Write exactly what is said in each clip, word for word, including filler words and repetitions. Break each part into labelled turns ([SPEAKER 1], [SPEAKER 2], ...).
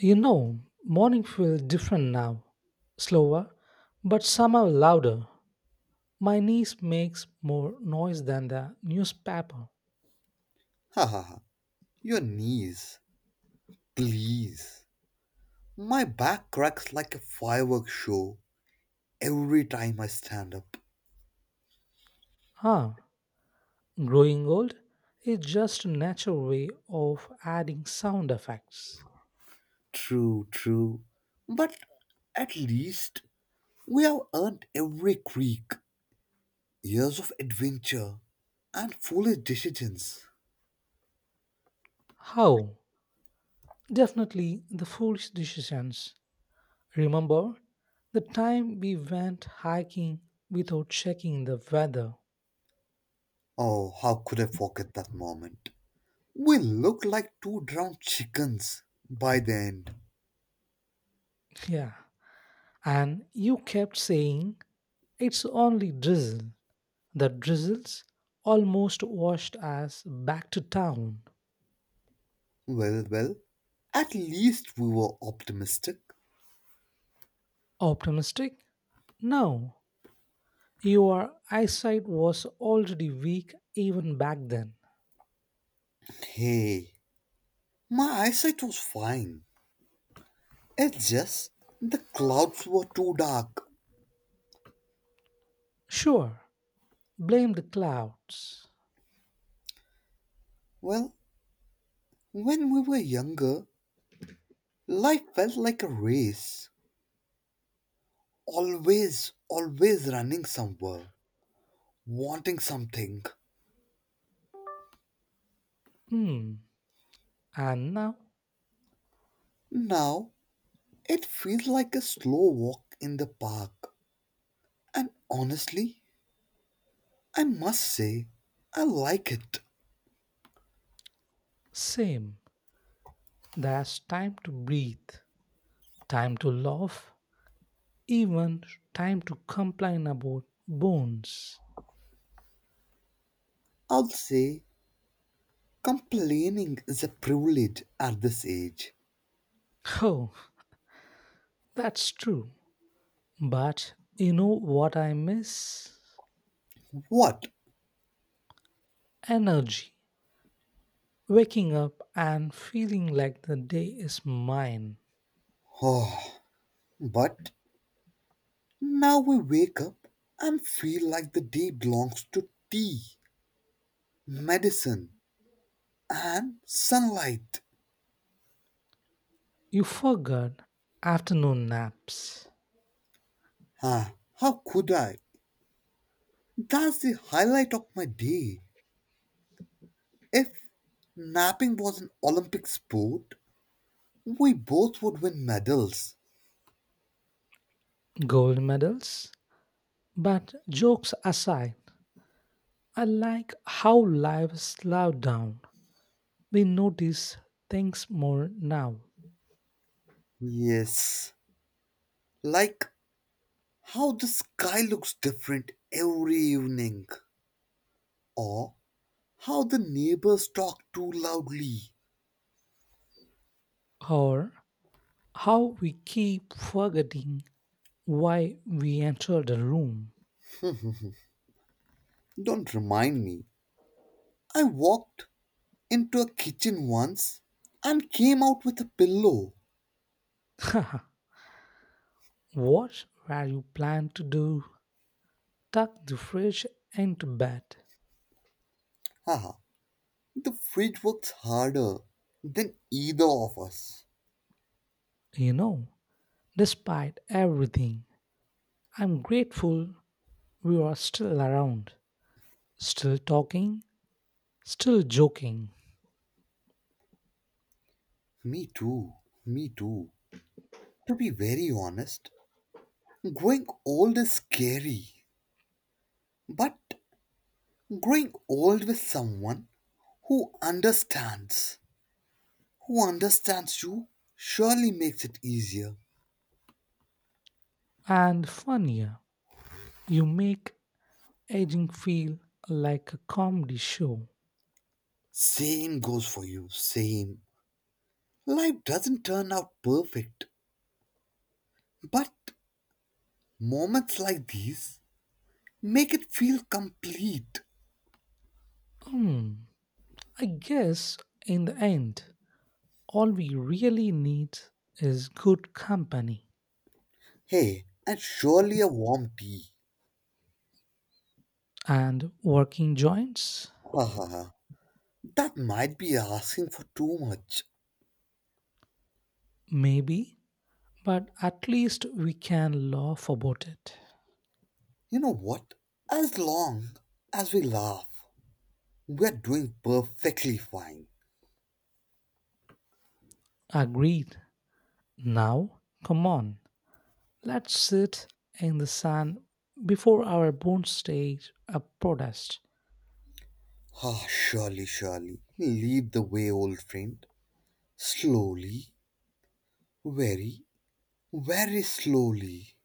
[SPEAKER 1] You know, morning feels different now. Slower, but somehow louder. My niece makes more noise than the newspaper.
[SPEAKER 2] Ha ha ha. Your knees, please. My back cracks like a fireworks show every time I stand up.
[SPEAKER 1] Ah, growing old is just a natural way of adding sound effects.
[SPEAKER 2] True, true. But at least we have earned every creak, years of adventure, and foolish decisions.
[SPEAKER 1] How? Definitely the foolish decisions. Remember the time we went hiking without checking the weather?
[SPEAKER 2] Oh, how could I forget that moment? We looked like two drowned chickens by the end.
[SPEAKER 1] Yeah. And you kept saying it's only drizzle. The drizzles almost washed us back to town.
[SPEAKER 2] Well, well, at least we were optimistic.
[SPEAKER 1] Optimistic? No. Your eyesight was already weak even back then.
[SPEAKER 2] Hey, my eyesight was fine. It's just the clouds were too dark.
[SPEAKER 1] Sure, blame the clouds.
[SPEAKER 2] Well, when we were younger, life felt like a race. Always, always running somewhere, wanting something.
[SPEAKER 1] Hmm. And now,
[SPEAKER 2] Now, it feels like a slow walk in the park. And honestly, I must say, I like it.
[SPEAKER 1] same. There's time to breathe, time to laugh, even time to complain about bones.
[SPEAKER 2] I'll say, complaining is a privilege at this age.
[SPEAKER 1] Oh, that's true. But you know what I miss?
[SPEAKER 2] What?
[SPEAKER 1] Energy. Waking up and feeling like the day is mine.
[SPEAKER 2] Oh, but now we wake up and feel like the day belongs to tea, medicine, and sunlight.
[SPEAKER 1] You forgot afternoon naps,
[SPEAKER 2] Ah, how could I? That's the highlight of my day. If napping was an Olympic sport, we both would win medals.
[SPEAKER 1] gold medals. But jokes aside, I like how life slowed down. We notice things more now,
[SPEAKER 2] Yes, like how the sky looks different every evening, or how the neighbors talk too loudly.
[SPEAKER 1] or how we keep forgetting why we entered the room.
[SPEAKER 2] Don't remind me. I walked into a kitchen once and came out with a pillow.
[SPEAKER 1] What were you planning to do? Tuck the fridge into bed.
[SPEAKER 2] Haha, the fridge works harder than either of us.
[SPEAKER 1] You know, despite everything, I'm grateful we are still around, still talking, still joking,
[SPEAKER 2] Me too, me too. To be very honest, growing old is scary, but growing old with someone who understands, who understands you, surely makes it easier.
[SPEAKER 1] and funnier. You make aging feel like a comedy show.
[SPEAKER 2] Same goes for you, same. Life doesn't turn out perfect, but moments like these make it feel complete.
[SPEAKER 1] Hmm, I guess in the end, all we really need is good company
[SPEAKER 2] Hey, and surely a warm tea.
[SPEAKER 1] and working joints,
[SPEAKER 2] Ha ha ha. That might be asking for too much.
[SPEAKER 1] maybe, but at least we can laugh about it.
[SPEAKER 2] You know what? As long as we laugh, we're doing perfectly fine.
[SPEAKER 1] Agreed. Now, come on. Let's sit in the sun before our bones stage of protest.
[SPEAKER 2] Ah, surely, surely. Lead the way, old friend. Slowly, very, very slowly.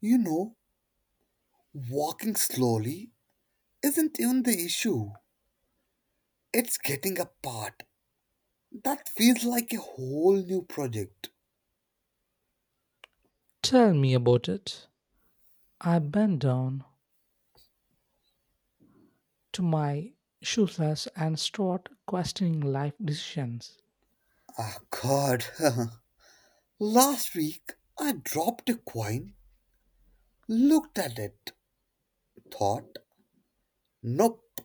[SPEAKER 2] You know, walking slowly isn't even the issue. It's getting apart that feels like a whole new project.
[SPEAKER 1] Tell me about it. I bend down to my shoelace and start questioning life decisions.
[SPEAKER 2] Ah, God. Last week, I dropped a coin, looked at it, thought, nope,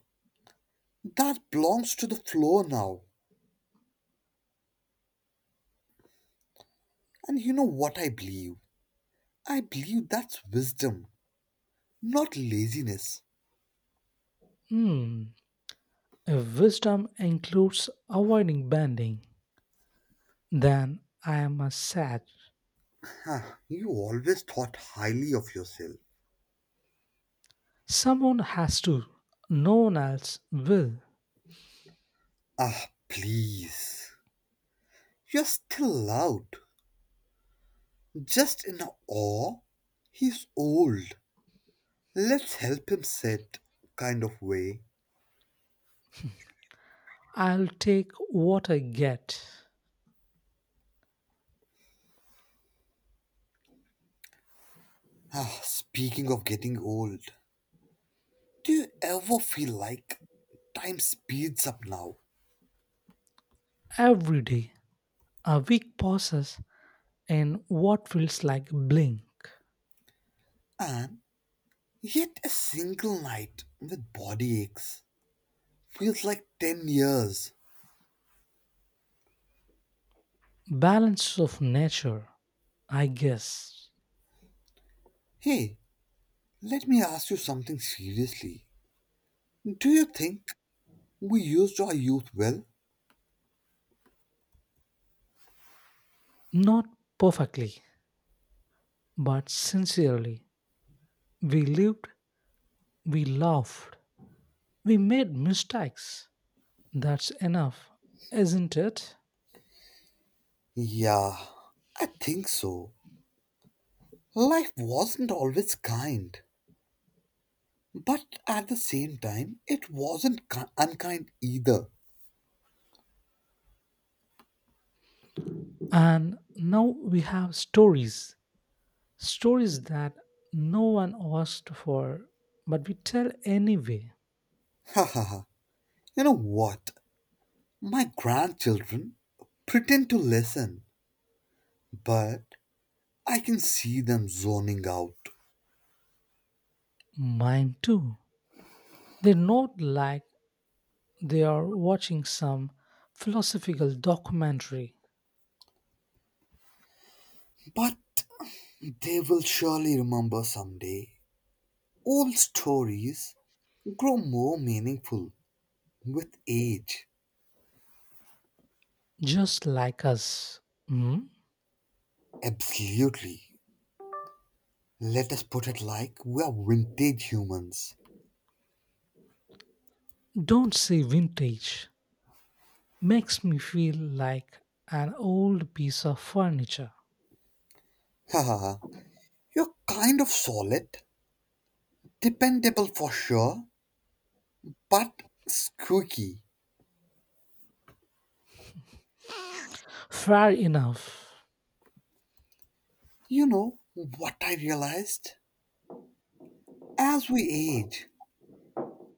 [SPEAKER 2] that belongs to the floor now. And you know what I believe? I believe that's wisdom, not laziness.
[SPEAKER 1] Hmm, if wisdom includes avoiding bending, then I am a sage.
[SPEAKER 2] Huh, you always thought highly of yourself.
[SPEAKER 1] Someone has to, no one else will.
[SPEAKER 2] Ah, please. You're still loud, just in awe. He's old. Let's help him sit, kind of way.
[SPEAKER 1] I'll take what I get.
[SPEAKER 2] Ah, speaking of getting old, do you ever feel like time speeds up now?
[SPEAKER 1] Every day, a week passes and what feels like blink.
[SPEAKER 2] And yet a single night with body aches feels like 10 years.
[SPEAKER 1] Balance of nature, I guess.
[SPEAKER 2] Hey, let me ask you something seriously. Do you think we used our youth well?
[SPEAKER 1] Not perfectly, but sincerely. We lived, we laughed, we made mistakes. That's enough, isn't it?
[SPEAKER 2] Yeah, I think so. Life wasn't always kind, but at the same time, it wasn't ki- unkind either.
[SPEAKER 1] And now we have stories. Stories that no one asked for, but we tell anyway.
[SPEAKER 2] Ha ha ha. You know what? My grandchildren pretend to listen, but I can see them zoning out.
[SPEAKER 1] Mine too. They're not like they are watching some philosophical documentary
[SPEAKER 2] But they will surely remember someday. Old stories grow more meaningful with age.
[SPEAKER 1] just like us. Hmm?
[SPEAKER 2] Absolutely. Let us put it like we are vintage humans.
[SPEAKER 1] Don't say vintage. Makes me feel like an old piece of furniture.
[SPEAKER 2] Ha ha ha. You're kind of solid, dependable for sure, but squeaky.
[SPEAKER 1] Fair enough.
[SPEAKER 2] You know what I realized? As we age,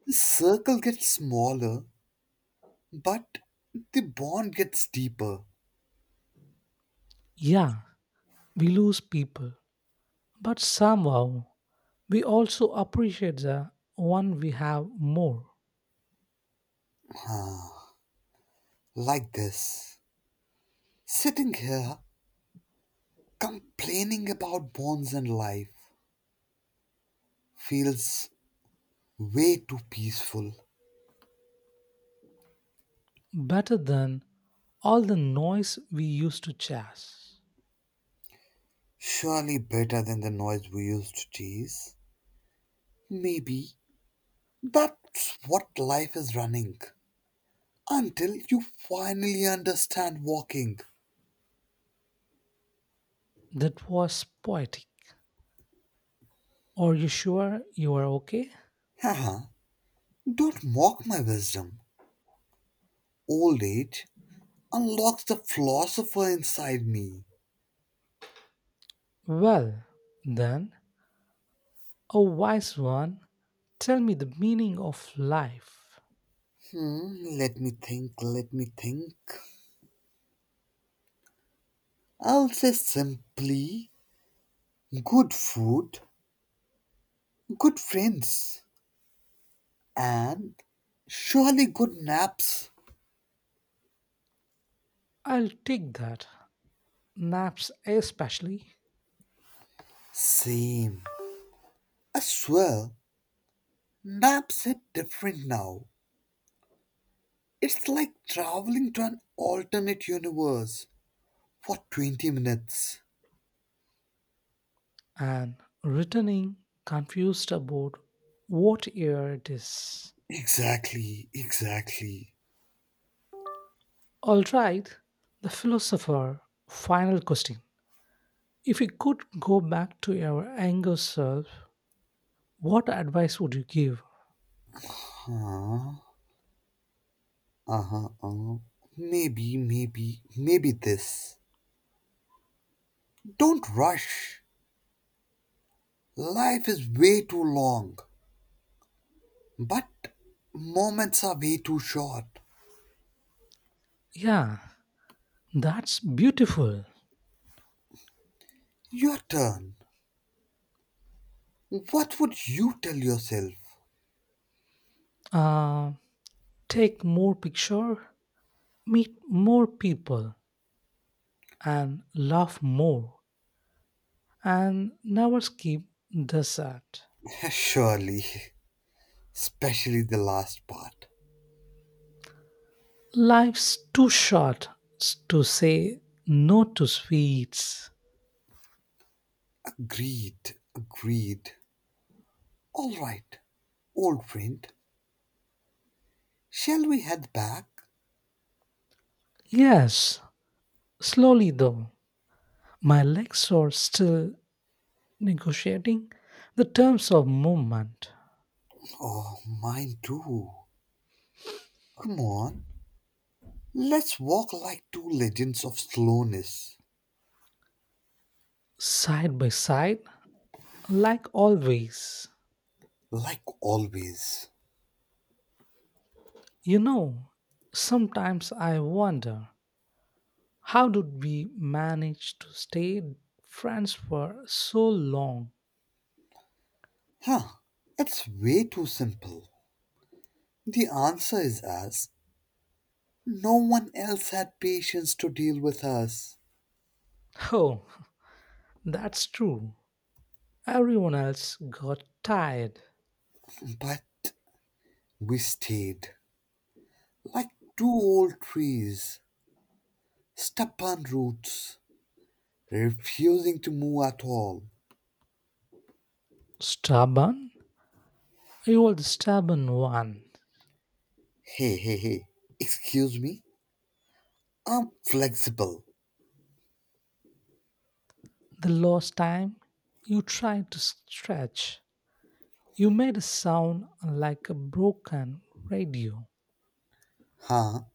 [SPEAKER 2] the circle gets smaller, but the bond gets deeper.
[SPEAKER 1] Yeah, we lose people. But somehow, we also appreciate the one we have more,
[SPEAKER 2] Like this. Sitting here complaining about bonds and life feels way too peaceful.
[SPEAKER 1] better than all the noise we used to chase.
[SPEAKER 2] Surely better than the noise we used to chase. Maybe that's what life is running. Until you finally understand walking.
[SPEAKER 1] That was poetic. Are you sure you are okay?
[SPEAKER 2] Haha, don't mock my wisdom. Old age unlocks the philosopher inside me.
[SPEAKER 1] Well, then, a wise one, tell me the meaning of life.
[SPEAKER 2] Hmm, let me think, let me think. I'll say simply good food, good friends, and surely good naps.
[SPEAKER 1] I'll take that, naps especially,
[SPEAKER 2] Same. I swear, naps are different now. It's like traveling to an alternate universe for 20 minutes.
[SPEAKER 1] and returning confused about what year it is.
[SPEAKER 2] Exactly, exactly.
[SPEAKER 1] All right, the philosopher, final question. If you could go back to your younger self, what advice would you give?
[SPEAKER 2] Huh? Uh-huh. Uh, maybe, maybe, maybe this. Don't rush. Life is way too long, but moments are way too short.
[SPEAKER 1] Yeah, that's beautiful.
[SPEAKER 2] Your turn. What would you tell yourself?
[SPEAKER 1] Uh, take more picture, meet more people and laugh more and never skip the sad.
[SPEAKER 2] Surely, especially the last part.
[SPEAKER 1] Life's too short to say no to sweets.
[SPEAKER 2] Agreed, agreed. All right, old friend, shall we head back?
[SPEAKER 1] Yes, slowly though. My legs are still negotiating the terms of movement,
[SPEAKER 2] Oh, mine too. Come on, let's walk like two legends of slowness.
[SPEAKER 1] side by side, like always.
[SPEAKER 2] Like always.
[SPEAKER 1] You know, sometimes I wonder how did we manage to stay friends for so long?
[SPEAKER 2] Huh, it's way too simple. The answer is us. No one else had patience to deal with us.
[SPEAKER 1] Oh, that's true. Everyone else got tired.
[SPEAKER 2] But we stayed. Like two old trees, stubborn roots, refusing to move at all.
[SPEAKER 1] Stubborn? You were the stubborn one.
[SPEAKER 2] Hey, hey, hey. Excuse me? I'm flexible.
[SPEAKER 1] The last time you tried to stretch, you made a sound like a broken radio.
[SPEAKER 2] Huh?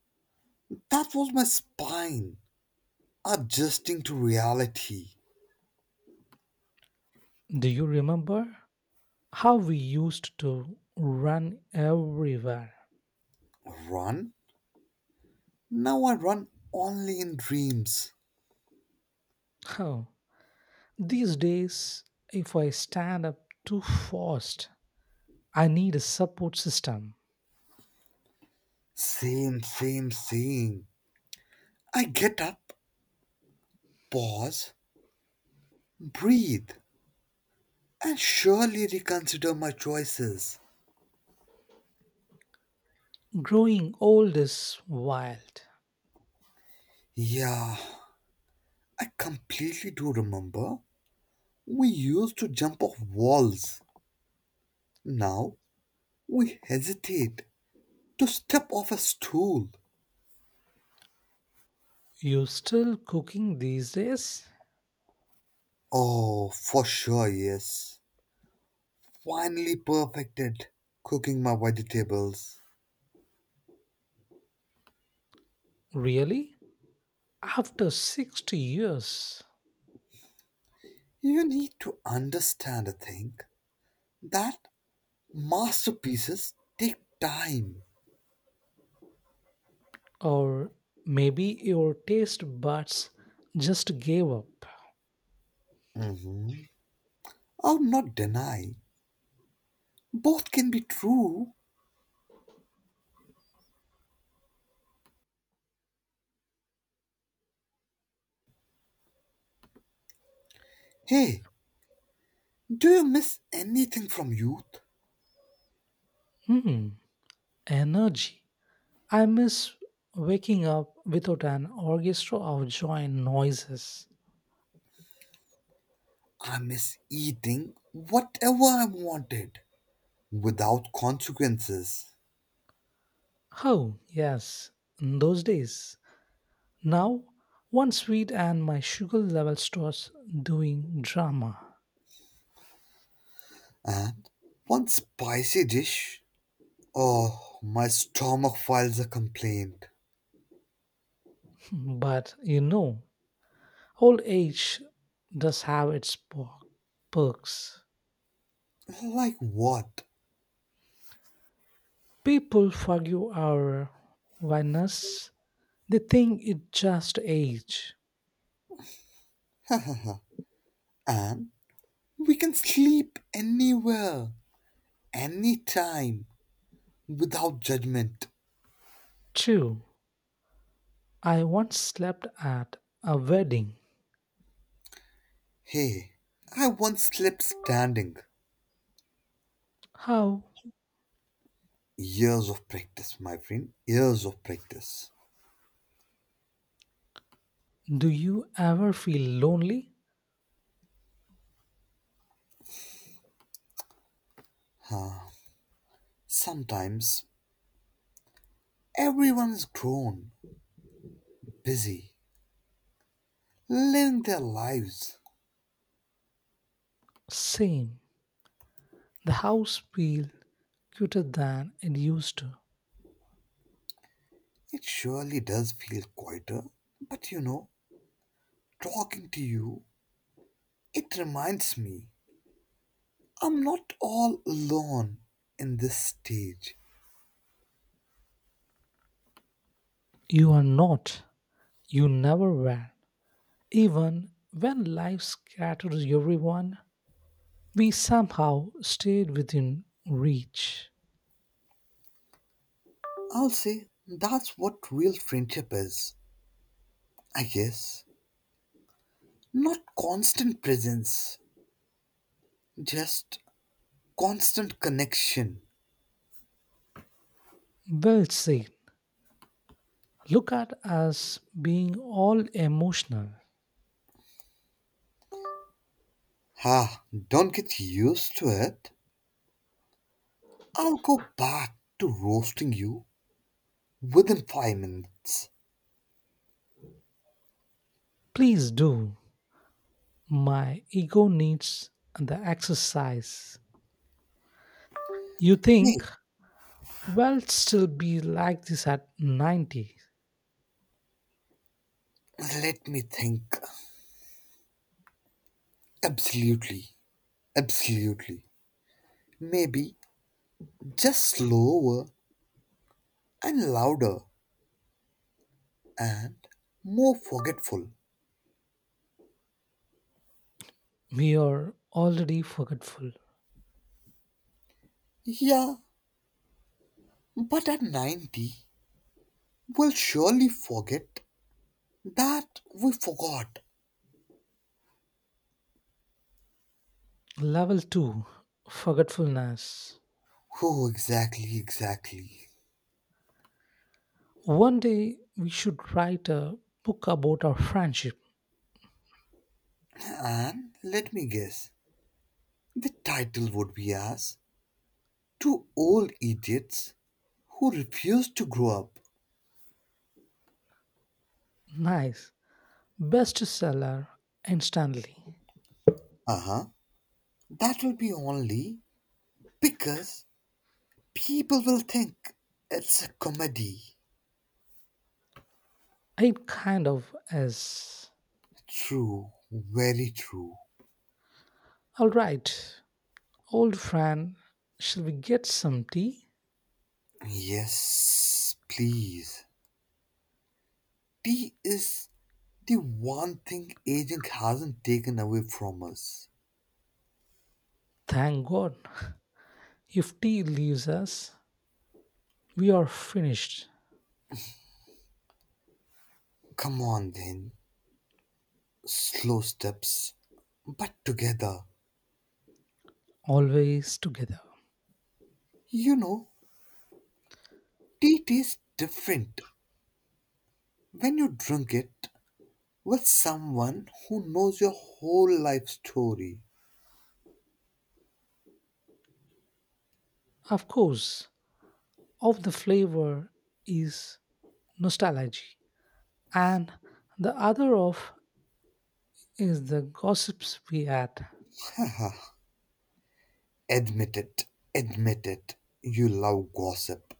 [SPEAKER 2] That was my spine adjusting to reality.
[SPEAKER 1] Do you remember how we used to run everywhere?
[SPEAKER 2] Run? Now I run only in dreams.
[SPEAKER 1] Oh, these days, if I stand up too fast, I need a support system.
[SPEAKER 2] Same, same, same. I get up, pause, breathe, and surely reconsider my choices.
[SPEAKER 1] Growing old is wild.
[SPEAKER 2] Yeah, I completely do remember. We used to jump off walls. Now we hesitate to step off a stool.
[SPEAKER 1] You still cooking these days?
[SPEAKER 2] Oh, for sure, yes. Finally perfected cooking my vegetables.
[SPEAKER 1] Really? After sixty years?
[SPEAKER 2] You need to understand a thing that masterpieces take time.
[SPEAKER 1] Or maybe your taste buds just gave up.
[SPEAKER 2] Mhm. I'll not deny both can be true. Hey, do you miss anything from youth?
[SPEAKER 1] Hmm, energy. I miss waking up without an orchestra of joint noises.
[SPEAKER 2] I miss eating whatever I wanted without consequences.
[SPEAKER 1] Oh, yes, in those days. Now, one sweet and my sugar level starts doing drama.
[SPEAKER 2] And one spicy dish. Oh, my stomach files a complaint.
[SPEAKER 1] But you know, old age does have its po- perks.
[SPEAKER 2] Like what?
[SPEAKER 1] People forgive our whiners. They think it just age.
[SPEAKER 2] And we can sleep anywhere, anytime, without judgment.
[SPEAKER 1] True, I once slept at a wedding.
[SPEAKER 2] Hey, I once slipped standing.
[SPEAKER 1] How
[SPEAKER 2] Years of practice, my friend. Years of practice.
[SPEAKER 1] do you ever feel lonely?
[SPEAKER 2] Sometimes everyone is grown, busy, living their lives.
[SPEAKER 1] Same. The house feels cuter than it used to.
[SPEAKER 2] It surely does feel quieter. But you know, talking to you, it reminds me I'm not all alone in this stage.
[SPEAKER 1] You are not. You never were. Even when life scatters everyone, we somehow stayed within reach.
[SPEAKER 2] I'll say that's what real friendship is, I guess. Not constant presence, just constant connection.
[SPEAKER 1] Well said. Look at us being all emotional.
[SPEAKER 2] Ah, don't get used to it. I'll go back to roasting you within five minutes.
[SPEAKER 1] Please do. My ego needs the exercise. You
[SPEAKER 2] Hey,
[SPEAKER 1] think, well, still be like this at ninety.
[SPEAKER 2] let me think. Absolutely, absolutely. Maybe just slower and louder and more forgetful.
[SPEAKER 1] We are already forgetful.
[SPEAKER 2] Yeah, but at ninety, we'll surely forget that we forgot.
[SPEAKER 1] Level two forgetfulness.
[SPEAKER 2] Oh, exactly, exactly.
[SPEAKER 1] One day we should write a book about our friendship.
[SPEAKER 2] And let me guess, the title would be as Two Old Idiots Who Refuse to Grow Up.
[SPEAKER 1] Nice. Bestseller instantly.
[SPEAKER 2] Uh huh. That will be only because people will think it's a comedy.
[SPEAKER 1] It kind of is.
[SPEAKER 2] True, very true.
[SPEAKER 1] All right, old friend, shall we get some tea?
[SPEAKER 2] Yes, please. Tea is the one thing aging hasn't taken away from us.
[SPEAKER 1] Thank God. If tea leaves us, we are finished.
[SPEAKER 2] Come on then, slow steps, but together.
[SPEAKER 1] Always together.
[SPEAKER 2] You know, tea tastes different when you drink it with someone who knows your whole life story.
[SPEAKER 1] Of course, of the flavor is nostalgia, and the other of is the gossips we had.
[SPEAKER 2] Haha. Admit it. Admit it. You love gossip.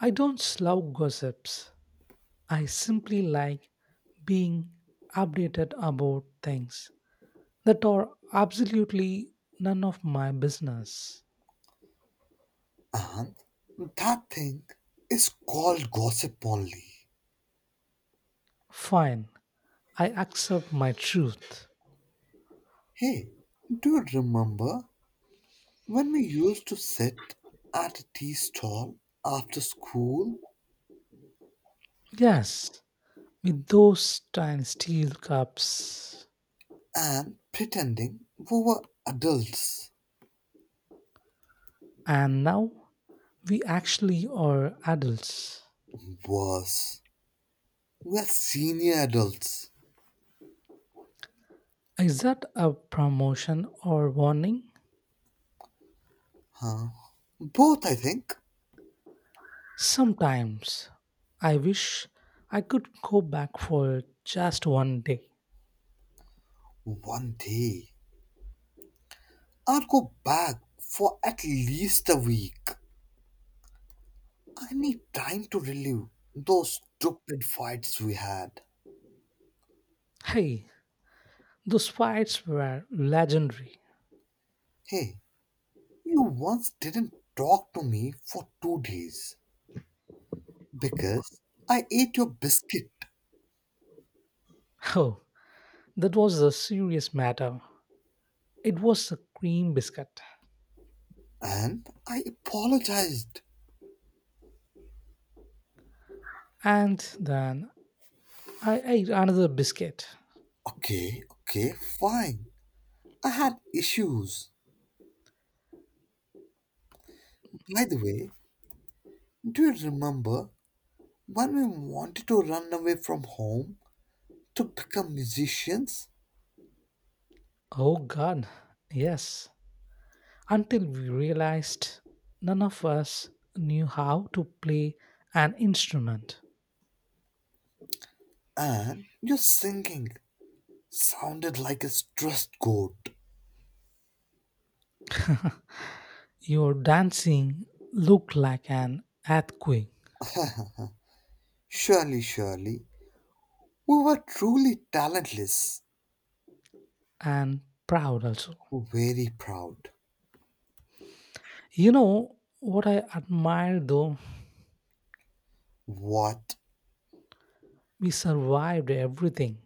[SPEAKER 1] I don't slough gossips. I simply like being updated about things that are absolutely none of my business.
[SPEAKER 2] And that thing is called gossip only.
[SPEAKER 1] Fine, I accept my truth.
[SPEAKER 2] Hey, do you remember when we used to sit at a tea stall after school
[SPEAKER 1] Yes, with those tiny steel cups.
[SPEAKER 2] and pretending we were adults?
[SPEAKER 1] And now we actually are adults.
[SPEAKER 2] Worse, we are senior adults.
[SPEAKER 1] Is that a promotion or warning?
[SPEAKER 2] Huh? Both, I think.
[SPEAKER 1] Sometimes I wish I could go back for just one day.
[SPEAKER 2] One day. I'll go back for at least a week. I need time to relive those stupid fights we had.
[SPEAKER 1] Hey, those fights were legendary.
[SPEAKER 2] Hey, you once didn't talk to me for two days because I ate your biscuit
[SPEAKER 1] Oh, that was a serious matter. It was a cream biscuit.
[SPEAKER 2] and I apologized.
[SPEAKER 1] And then I ate another biscuit.
[SPEAKER 2] Okay, okay, fine. I had issues. By the way, do you remember when we wanted to run away from home to become musicians?
[SPEAKER 1] Oh god, yes. Until we realized none of us knew how to play an instrument.
[SPEAKER 2] And your singing sounded like a stressed goat.
[SPEAKER 1] Your dancing looked like an earthquake
[SPEAKER 2] Surely, surely, we were truly talentless.
[SPEAKER 1] and proud also.
[SPEAKER 2] Very proud.
[SPEAKER 1] You know what I admire though?
[SPEAKER 2] What?
[SPEAKER 1] We survived everything,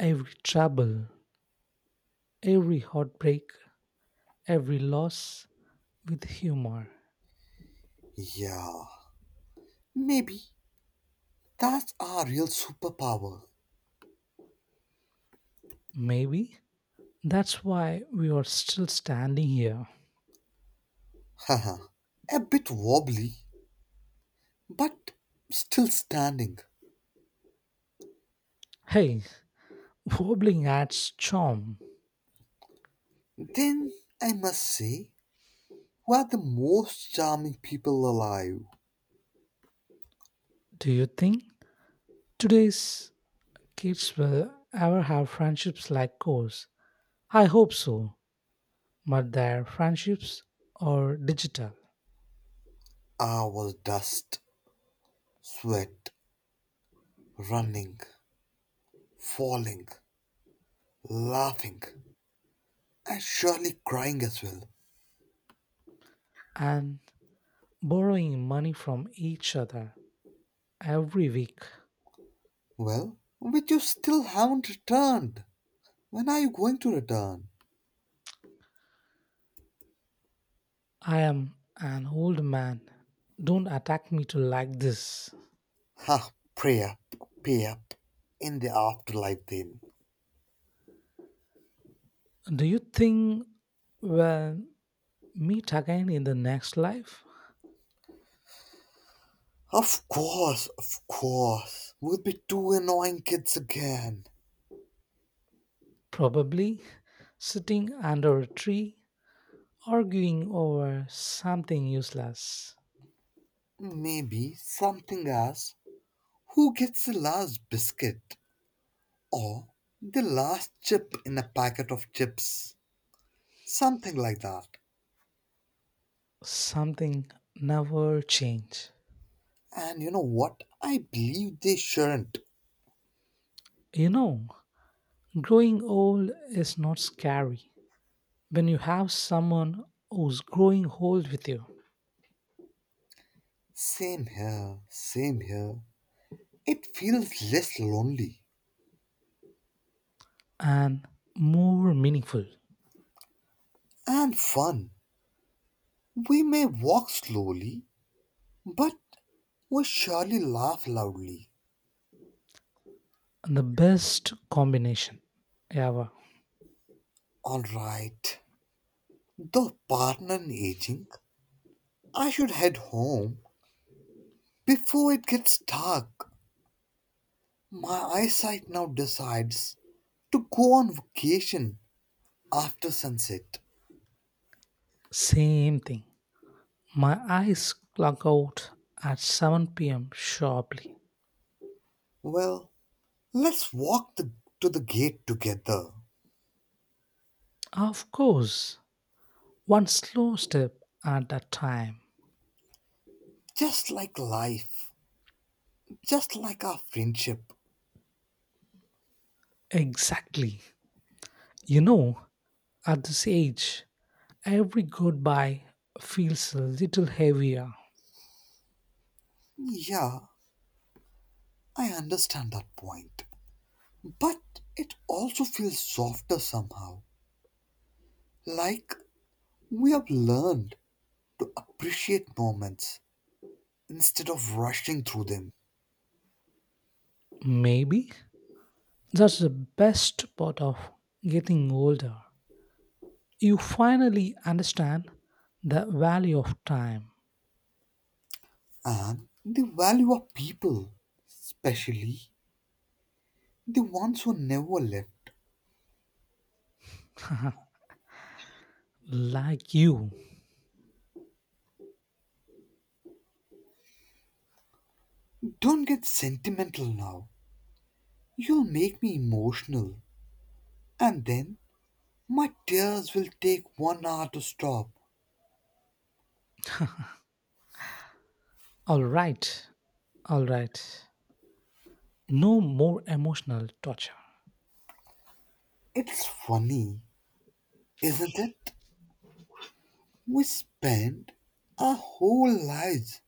[SPEAKER 1] every trouble, every heartbreak, every loss with humor.
[SPEAKER 2] Yeah. Maybe that's our real superpower.
[SPEAKER 1] Maybe that's why we are still standing here.
[SPEAKER 2] Haha, a bit wobbly, but still standing.
[SPEAKER 1] Hey, wobbling adds charm.
[SPEAKER 2] Then I must say, we are the most charming people alive.
[SPEAKER 1] Do you think today's kids will ever have friendships like ours? I hope so, but their friendships are digital
[SPEAKER 2] Our dust, sweat, running, falling, laughing, and surely crying as well.
[SPEAKER 1] and borrowing money from each other every week.
[SPEAKER 2] Well, but you still haven't returned. When are you going to return?
[SPEAKER 1] I am an old man. Don't attack me to like this.
[SPEAKER 2] Ha, pray up, pay up. In the afterlife, then.
[SPEAKER 1] Do you think we'll meet again in the next life?
[SPEAKER 2] Of course, of course. Would be two annoying kids again.
[SPEAKER 1] Probably sitting under a tree arguing over something useless,
[SPEAKER 2] Maybe something else. Who gets the last biscuit? Or the last chip in a packet of chips? Something like that.
[SPEAKER 1] something never change.
[SPEAKER 2] And you know what? I believe they shouldn't.
[SPEAKER 1] You know, growing old is not scary when you have someone who's growing old with you
[SPEAKER 2] Same here, same here. It feels less lonely
[SPEAKER 1] and more meaningful
[SPEAKER 2] and fun. We may walk slowly, but we surely laugh loudly.
[SPEAKER 1] the best combination ever.
[SPEAKER 2] Alright, though pardon aging, I should head home before it gets dark. My eyesight now decides to go on vacation after sunset.
[SPEAKER 1] Same thing. My eyes clock out at seven p m sharply.
[SPEAKER 2] Well, let's walk the, to the gate together,
[SPEAKER 1] Of course, one slow step at a time.
[SPEAKER 2] just like life, just like our friendship.
[SPEAKER 1] Exactly. You know, at this age, every goodbye feels a little heavier.
[SPEAKER 2] Yeah, I understand that point. But it also feels softer somehow. Like we have learned to appreciate moments instead of rushing through them.
[SPEAKER 1] Maybe that's the best part of getting older. You finally understand the value of time.
[SPEAKER 2] And the value of people, especially the ones who never left.
[SPEAKER 1] Like you.
[SPEAKER 2] Don't get sentimental now. You'll make me emotional. And then my tears will take one hour to stop.
[SPEAKER 1] All right, all right. No more emotional torture.
[SPEAKER 2] It's funny, isn't it? We spend our whole lives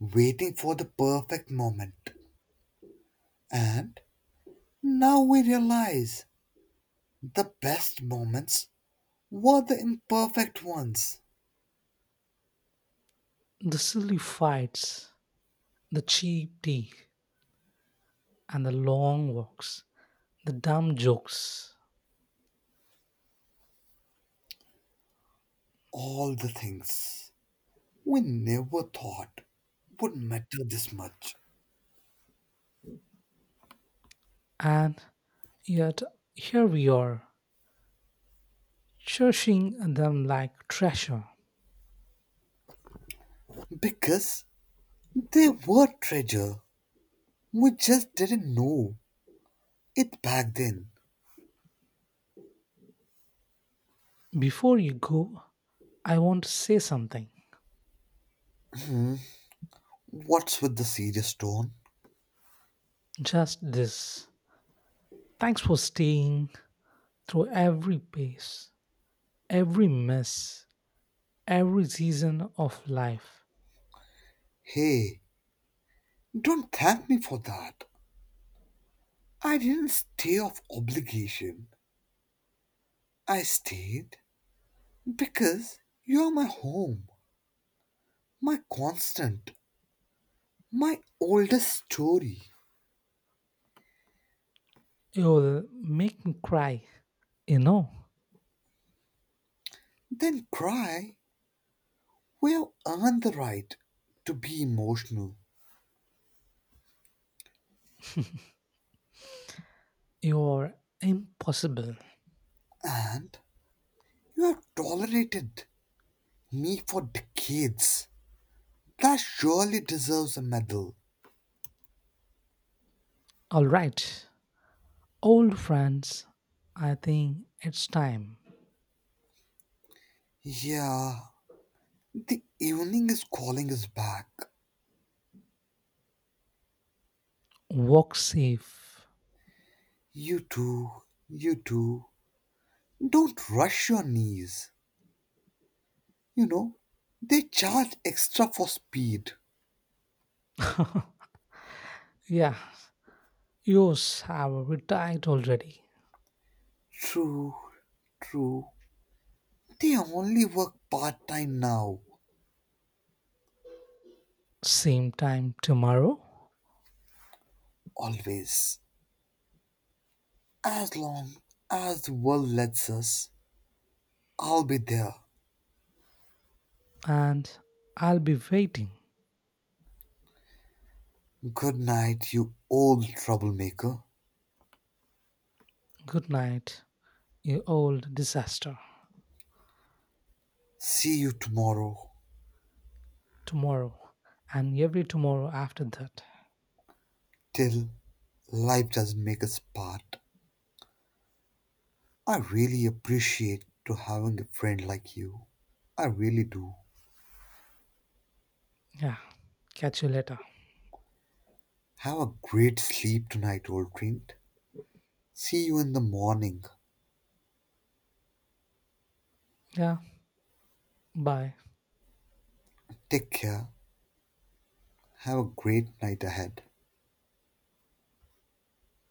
[SPEAKER 2] waiting for the perfect moment, and now we realize the best moments were the imperfect ones.
[SPEAKER 1] The silly fights, the cheap tea, and the long walks, the dumb jokes,
[SPEAKER 2] All the things we never thought would matter this much
[SPEAKER 1] and yet here we are, cherishing them like treasure.
[SPEAKER 2] because they were treasure. We just didn't know it back then.
[SPEAKER 1] Before you go, I want to say something.
[SPEAKER 2] What's with the serious tone?
[SPEAKER 1] Just this. Thanks for staying through every pace, every mess, every season of life.
[SPEAKER 2] Hey, don't thank me for that. I didn't stay of obligation. I stayed because you're my home, my constant, my oldest story.
[SPEAKER 1] You'll make me cry. You know,
[SPEAKER 2] Then cry. We have earned the right to be emotional,
[SPEAKER 1] you're impossible.
[SPEAKER 2] and you have tolerated me for decades. That surely deserves a medal.
[SPEAKER 1] All right, old friends, I think it's time.
[SPEAKER 2] Yeah, the evening is calling us back.
[SPEAKER 1] Walk safe.
[SPEAKER 2] You too, you too. Don't rush your knees. You know, they charge extra for speed.
[SPEAKER 1] Yeah, yours have retired already.
[SPEAKER 2] True, true. They only work part time now,
[SPEAKER 1] Same time tomorrow,
[SPEAKER 2] always. As long as the world lets us, I'll be there.
[SPEAKER 1] and I'll be waiting.
[SPEAKER 2] Good night, you old troublemaker.
[SPEAKER 1] Good night, you old disaster.
[SPEAKER 2] See you tomorrow.
[SPEAKER 1] Tomorrow, and every tomorrow after that.
[SPEAKER 2] Till life doesn't make us part. I really appreciate to having a friend like you. I really do.
[SPEAKER 1] Yeah, catch you later.
[SPEAKER 2] Have a great sleep tonight, old friend. See you in the morning.
[SPEAKER 1] Yeah, bye.
[SPEAKER 2] Take care. Have a great night ahead.